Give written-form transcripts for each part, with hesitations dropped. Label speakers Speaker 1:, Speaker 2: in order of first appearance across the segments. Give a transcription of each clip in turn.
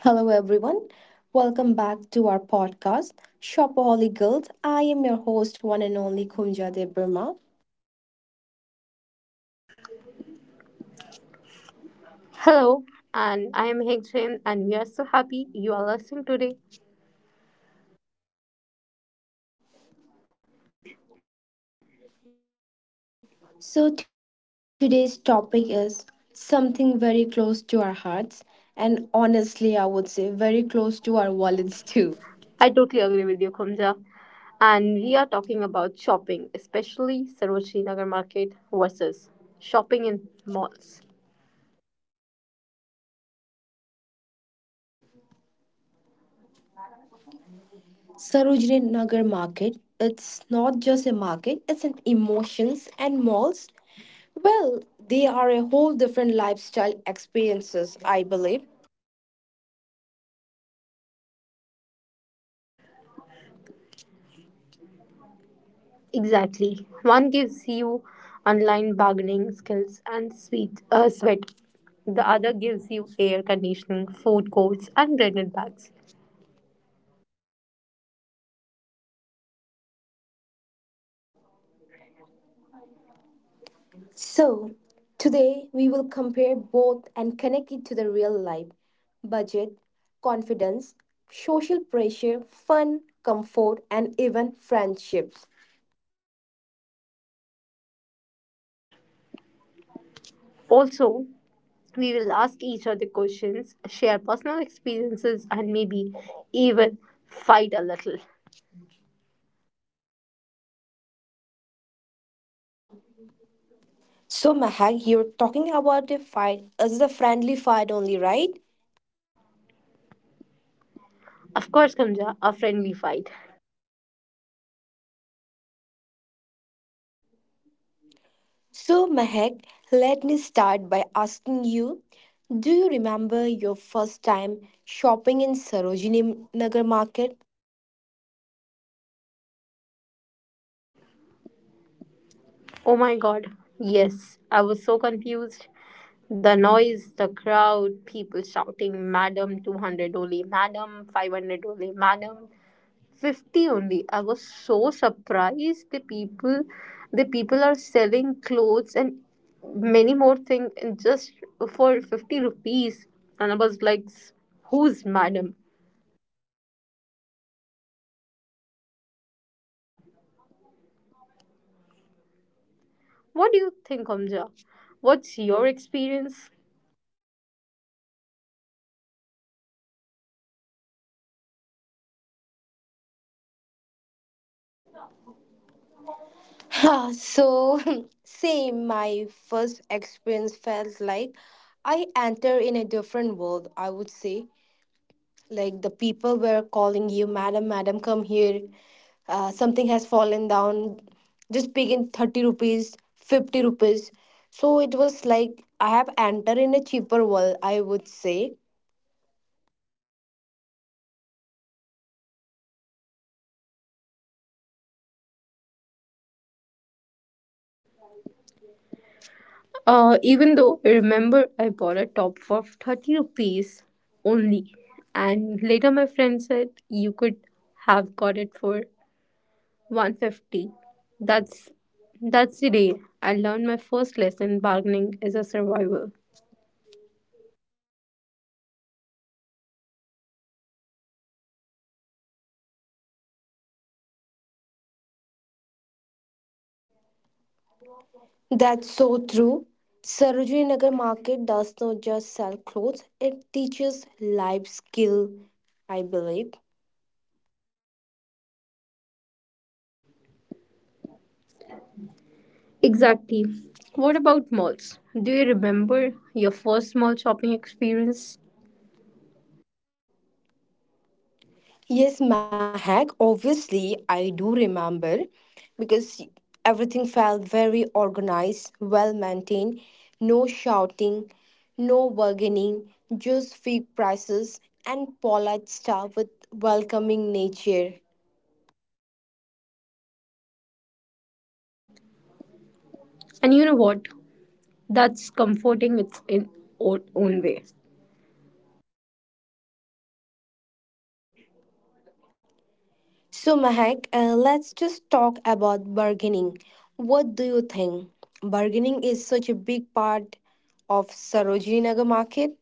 Speaker 1: Hello, everyone. Welcome back to our podcast, Shopaholic Girls. I am your host, one and only Kumja De Burma.
Speaker 2: Hello, and I am Hegchen, and we are so happy you are listening today.
Speaker 1: So, today's topic is something very close to our hearts, and honestly, I would say very close to our wallets too.
Speaker 2: I totally agree with you, Kumja. And we are talking about shopping, especially Sarojini Nagar Market versus shopping in malls.
Speaker 1: Sarojini Nagar Market. It's not just a market, it's an emotions and malls. Well, they are a whole different lifestyle experiences, I believe.
Speaker 2: Exactly. One gives you online bargaining skills and sweet, sweat. The other gives you air conditioning, food courts, and branded bags.
Speaker 1: So, today we will compare both and connect it to the real life budget, confidence, social pressure, fun, comfort, and even friendships.
Speaker 2: Also, we will ask each other questions, share personal experiences, and maybe even fight a little.
Speaker 1: So, Mahak, you're talking about a fight. This is a friendly fight only, right?
Speaker 2: Of course, Kamja, a friendly fight.
Speaker 1: So, Mahak, let me start by asking you, do you remember your first time shopping in Sarojini Nagar market?
Speaker 2: Oh my god, yes, I was so confused. The noise, the crowd, people shouting, Madam 200 only, Madam 500 only, Madam 50 only. I was so surprised. The people the people are selling clothes and many more things just for 50 rupees. And I was like, who's Madam? What do you think, Omja? What's your experience?
Speaker 1: So same, my first experience felt like I enter in a different world, I would say. Like, the people were calling you madam, madam, come here, something has fallen down. Just pay in 30 rupees, 50 rupees. So it was like I have entered in a cheaper world, I would say.
Speaker 2: Even though I remember I bought a top for 30 rupees only, and later my friend said you could have got it for 150. That's that's the day I learned my first lesson: bargaining is a survival.
Speaker 1: That's so true. Sarojini Nagar market does not just sell clothes, it teaches life skill, I believe.
Speaker 2: Exactly. What about malls? Do you remember your first mall shopping experience?
Speaker 1: Yes, Mahak, obviously, I do remember because everything felt very organized, well maintained, no shouting, no bargaining, just fixed prices and polite staff with welcoming nature.
Speaker 2: And you know what? That's comforting, its in own way.
Speaker 1: So, Mahak, let's just talk about bargaining. What do you think? Bargaining is such a big part of Sarojini Nagar market.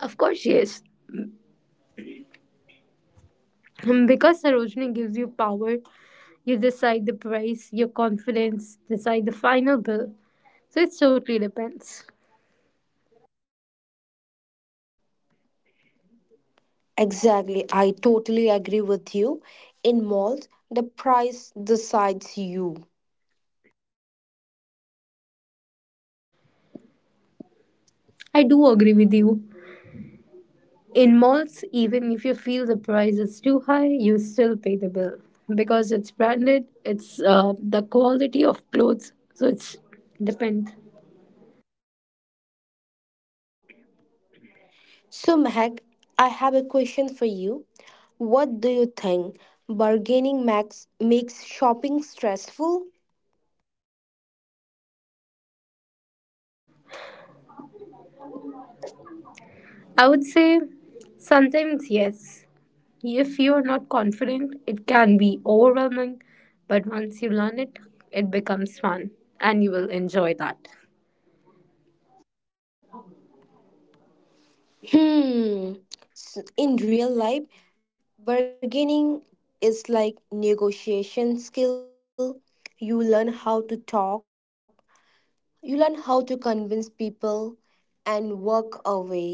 Speaker 2: Of course, yes. Because Sarojini gives you power, you decide the price, your confidence, decide the final bill. So it totally depends.
Speaker 1: Exactly. I totally agree with you. In malls, the price decides you.
Speaker 2: I do agree with you. In malls, even if you feel the price is too high, you still pay the bill because it's branded. It's the quality of clothes, so it's depends.
Speaker 1: So, Mehak, I have a question for you. What do you think? Bargaining max makes shopping stressful?
Speaker 2: I would say sometimes yes. If you are not confident, it can be overwhelming, but once you learn it, it becomes fun and you will enjoy that.
Speaker 1: Hmm. In real life, bargaining is like negotiation skill. You learn how to talk, you learn how to convince people and walk away.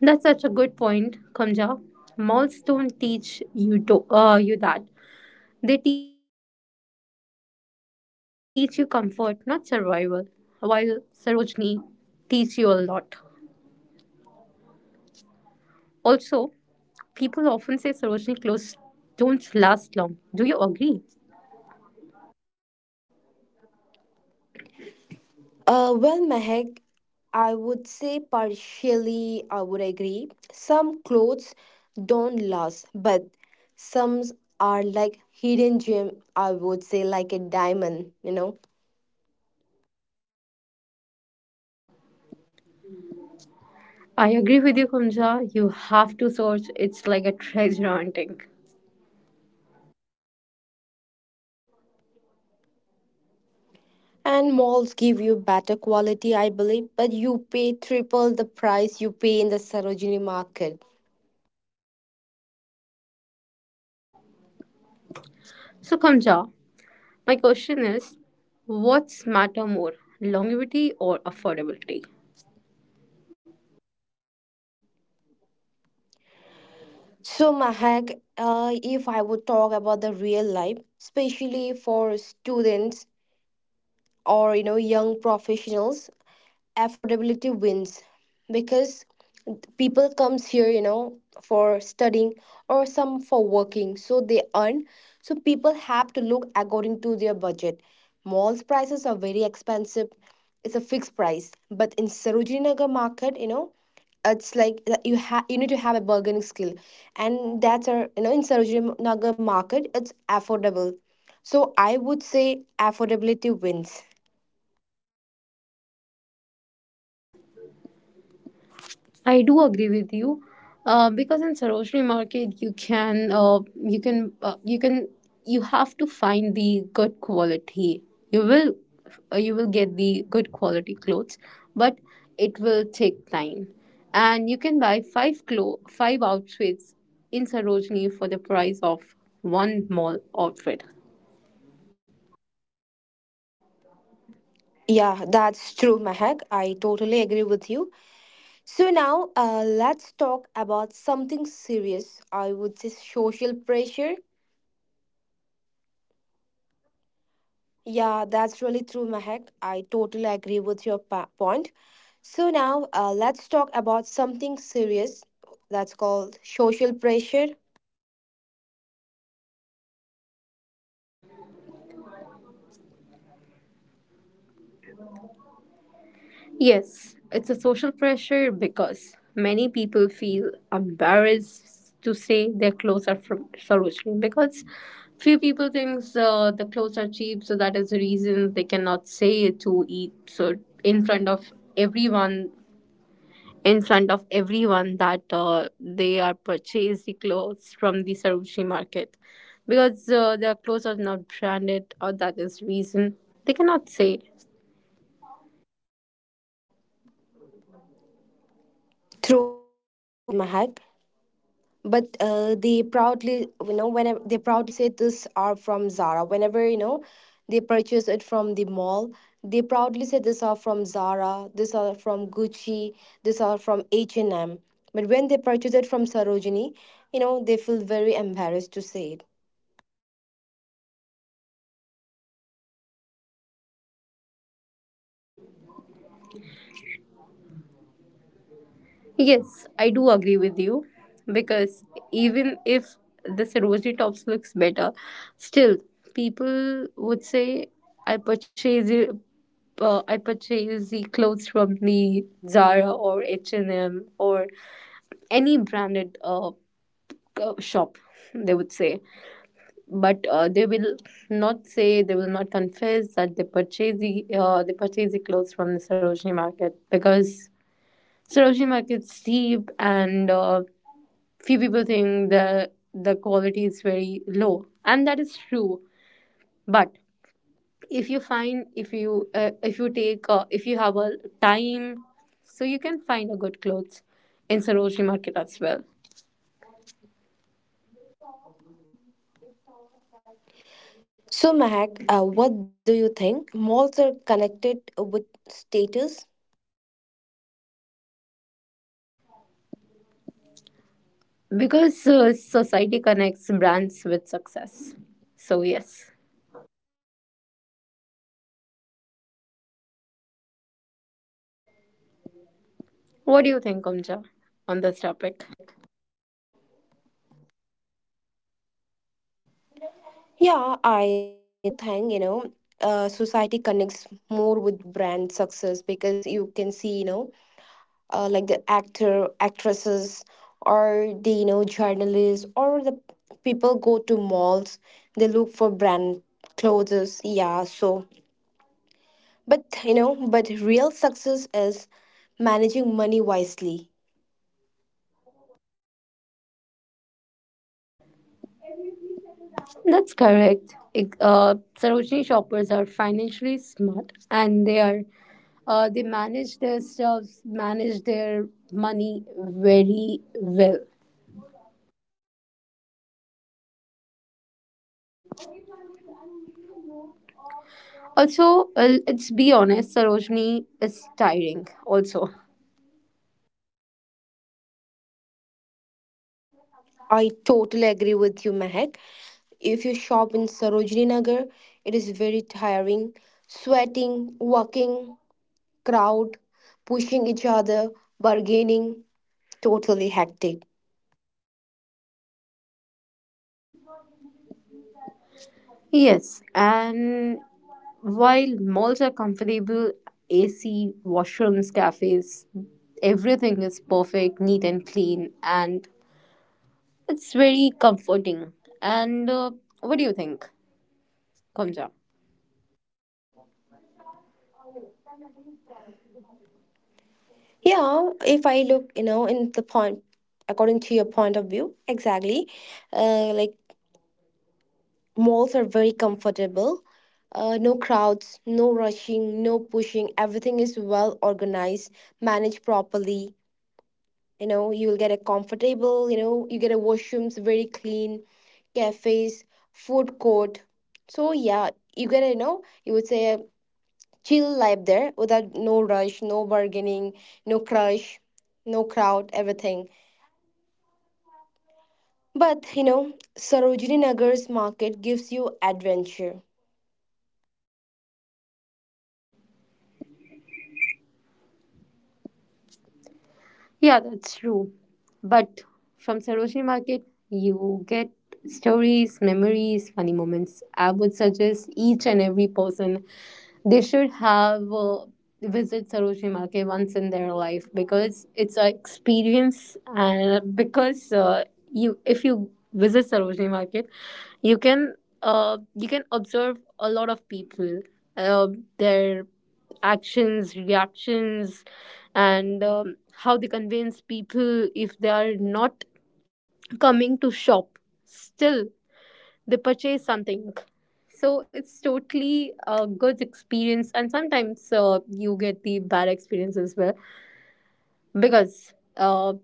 Speaker 2: That's such a good point, Kamja. Malls don't teach you to, you that. They teach you comfort, not survival, while Sarojini teach you a lot. Also, people often say Sarojini clothes don't last long. Do you agree?
Speaker 1: Well, Mehak, I would say partially I would agree. Some clothes don't last, but some are like hidden gem, I would say, like a diamond, you know.
Speaker 2: I agree with you, Kumja. You have to search. It's like a treasure hunting.
Speaker 1: And malls give you better quality, I believe, but you pay triple the price you pay in the Sarojini market.
Speaker 2: So, Kumja, my question is, what's matter more, longevity or affordability?
Speaker 1: So, Mahak, if I would talk about the real life, especially for students, or young professionals, affordability wins. Because people comes here for studying, or some for working, so they earn. So people have to look according to their budget. Malls prices are very expensive, it's a fixed price. But in Sarojini Nagar market, it's like that, you need to have a bargaining skill. And that's our, in Sarojinagar market it's affordable. So I would say affordability wins.
Speaker 2: I do agree with you, because in Sarojini Market you can you can you can you have to find the good quality. You will you will get the good quality clothes, but it will take time, and you can buy five outfits in Sarojini for the price of one mall outfit.
Speaker 1: Yeah, that's true, Mahak, I totally agree with you. So now, let's talk about something serious, I would say social pressure. Yeah, that's really true, Mahak, I totally agree with your point. So now, let's talk about something serious, that's called social pressure.
Speaker 2: Yes, it's a social pressure because many people feel embarrassed to say their clothes are from Sarojini because few people think the clothes are cheap, so that is the reason they cannot say it to eat. So in front of everyone, in front of everyone that they are purchased the clothes from the Sarojini market because their clothes are not branded, or that is reason they cannot say.
Speaker 1: True, indeed, Mahak. But they proudly, you know, whenever they proudly say this are from Zara. Whenever you know, they purchase it from the mall, they proudly say this are from Zara. These are from Gucci. These are from H and M. But when they purchase it from Sarojini, you know, they feel very embarrassed to say it.
Speaker 2: Yes, I do agree with you because even if the Sarojini tops looks better, still people would say I purchase it. I purchase the clothes from the Zara or H&M or any branded shop. They would say, but they will not say. They will not confess that they purchase the clothes from the Sarojini market because Hiroshima gets cheap and few people think the quality is very low, and that is true. But if you have a time, so you can find a good clothes in Sarojini market as well,
Speaker 1: So, Mahak, what do you think? Malls are connected with status.
Speaker 2: because society connects brands with success. So yes, what do you think, Omja, on this topic?
Speaker 1: Yeah, I do think, you know, society connects more with brand success. Because you can see, you know, like the actor, actresses, or the, you know, journalists, or the people go to malls, they look for brand clothes. Yeah, but real success is managing money wisely.
Speaker 2: That's correct. Sarojini shoppers are financially smart and they manage their stuffs, manage their money very well. Also, let's be honest, Sarojini is tiring also.
Speaker 1: I totally agree with you, Mehak. If you shop in Sarojini Nagar, it is very tiring. Sweating, walking, crowd, pushing each other, bargaining, totally hectic.
Speaker 2: Yes, and while malls are comfortable, AC, washrooms, cafes, everything is perfect, neat and clean, and it's very comforting. And what do you think comes up?
Speaker 1: Yeah, if I look, you know, in the point, according to your point of view, exactly, like malls are very comfortable. No crowds, no rushing, no pushing. Everything is well organized, managed properly. You know, you'll get a comfortable, you know, you get a washrooms very clean, cafes, food court. So yeah, you get a, you know, you would say a chill life there, without no rush, no bargaining, no crush, no crowd, everything. But you know, Sarojini Nagar's market gives you adventure.
Speaker 2: Yeah, that's true. But from Sarojini Market, you get stories, memories, funny moments. I would suggest each and every person they should have visit Sarojini Market once in their life because it's an experience, and because you if you visit Sarojini Market, you can observe a lot of people, uh, their actions, reactions, and how they convince people if they are not coming to shop. Still, they purchase something. So it's totally a good experience, and sometimes you get the bad experience as well, because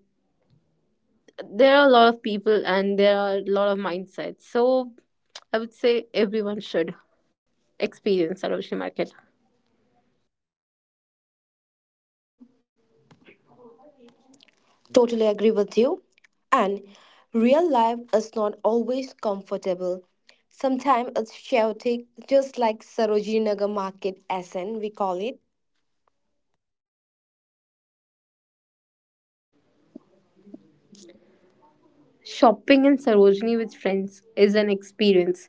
Speaker 2: there are a lot of people and there are a lot of mindsets. So I would say everyone should experience Sarojini Market.
Speaker 1: Totally agree with you. And real life is not always comfortable. Sometimes it's chaotic, just like Sarojini Nagar Market Essen, we call it.
Speaker 2: Shopping in Sarojini with friends is an experience,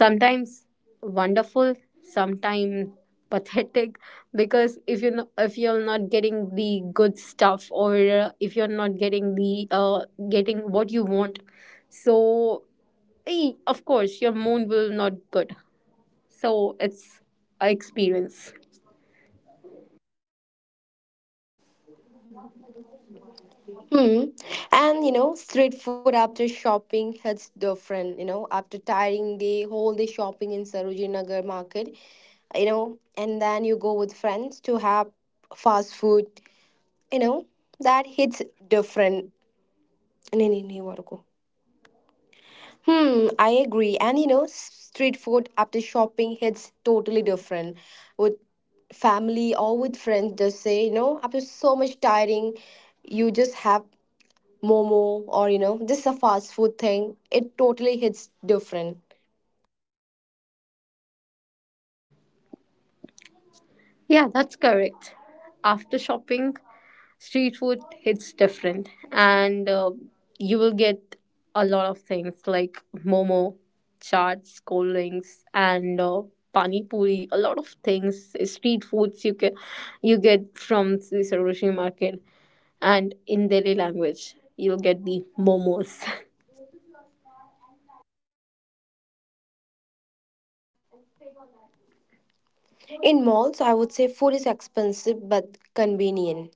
Speaker 2: sometimes wonderful, sometimes pathetic, because if you're not getting the good stuff, or if you're not getting the getting what you want, so of course your mood will not good, so it's a experience.
Speaker 1: Hmm. And you know, street food after shopping hits different. You know, after tiring day, whole day shopping in Sarojini Nagar Market, you know, and then you go with friends to have fast food. You know, that hits different. Nee, nee, nee, where to. Hmm, I agree. And you know, street food after shopping hits totally different. With family or with friends, just say, you know, after so much tiring, you just have momo, or you know, just a fast food thing. It totally hits different.
Speaker 2: Yeah, that's correct. After shopping, street food hits different, and you will get a lot of things like momo, chaats, cold drinks, and pani puri. A lot of things, street foods you get from the Saroshi market, and in Delhi language you'll get the momos.
Speaker 1: In malls, I would say food is expensive but convenient.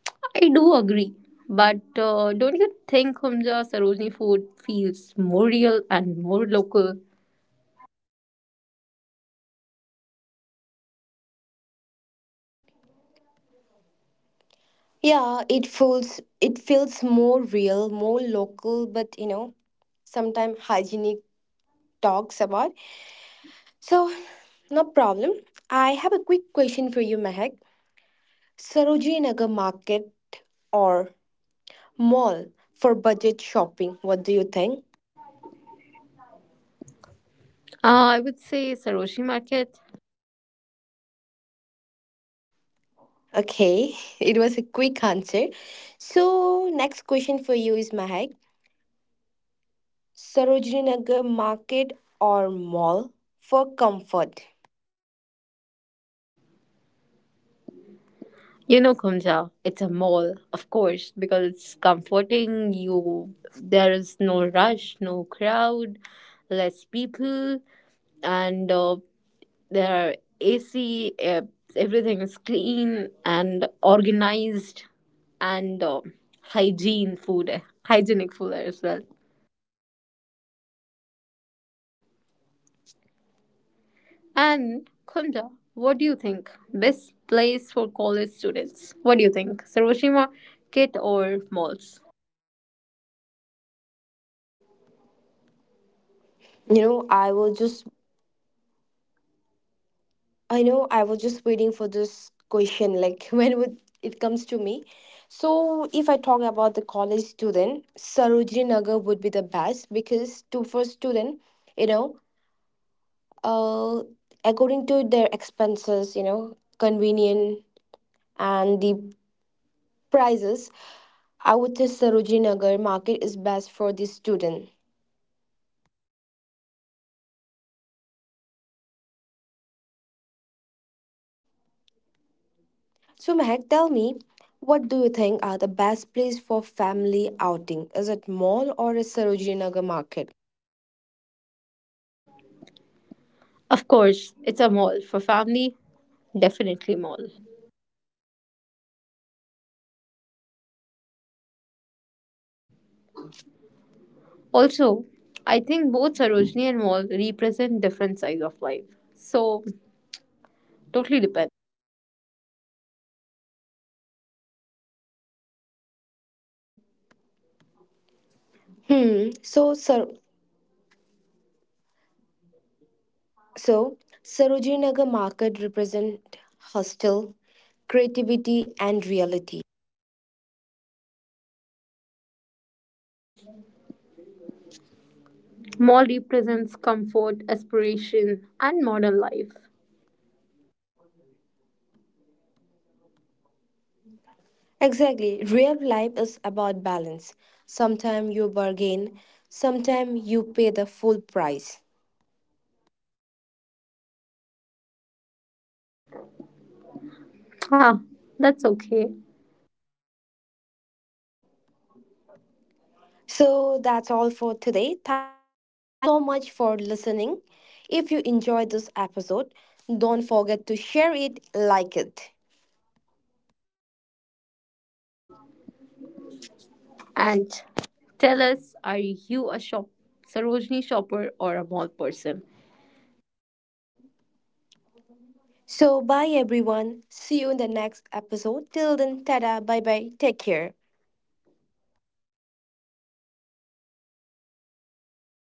Speaker 2: I do agree. But don't you think, Humja, Sarojini food feels more real and more local?
Speaker 1: Yeah, it feels more real, more local, but you know, sometimes hygienic talks about. So, no problem. I have a quick question for you, Mehak. Sarojini Nagar Market or mall for budget shopping? What do you think?
Speaker 2: I would say Saroshi Market.
Speaker 1: Okay, it was a quick answer. So, next question for you is Mahak. Sarojini Nagar Market or mall for comfort?
Speaker 2: You know, Kumja, it's a mall, of course, because it's comforting. You, there is no rush, no crowd, less people, and there are AC. Everything is clean and organized, and hygiene food, hygienic food as well. And Kumja, what do you think? Best place for college students? What do you think, Saroshima, kit or malls?
Speaker 1: I was just I know I was just waiting for this question, like when would it comes to me. So if I talk about the college student, Sarojini Nagar would be the best. Because to for student, you know, uh, according to their expenses, you know, convenient and the prices, I would say Sarojini Nagar market is best for the student. So Mehak, tell me, what do you think are the best place for family outing? Is it mall or is Sarojini Nagar market?
Speaker 2: Of course, it's a mall. For family, definitely mall. Also, I think both Sarojini and mall represent different sides of life. So, totally depends.
Speaker 1: Hmm. So Sarojini Nagar market represent hustle, creativity, and reality.
Speaker 2: Mall represents comfort, aspiration, and modern life.
Speaker 1: Exactly. Real life is about balance. Sometimes you bargain, sometimes you pay the full price.
Speaker 2: Ah, that's okay.
Speaker 1: So that's all for today. Thank you so much for listening. If you enjoyed this episode, don't forget to share it, like it.
Speaker 2: And tell us, are you a Sarojini shopper or a mall person?
Speaker 1: So bye everyone. See you in the next episode. Till then, tada, bye bye. Take care.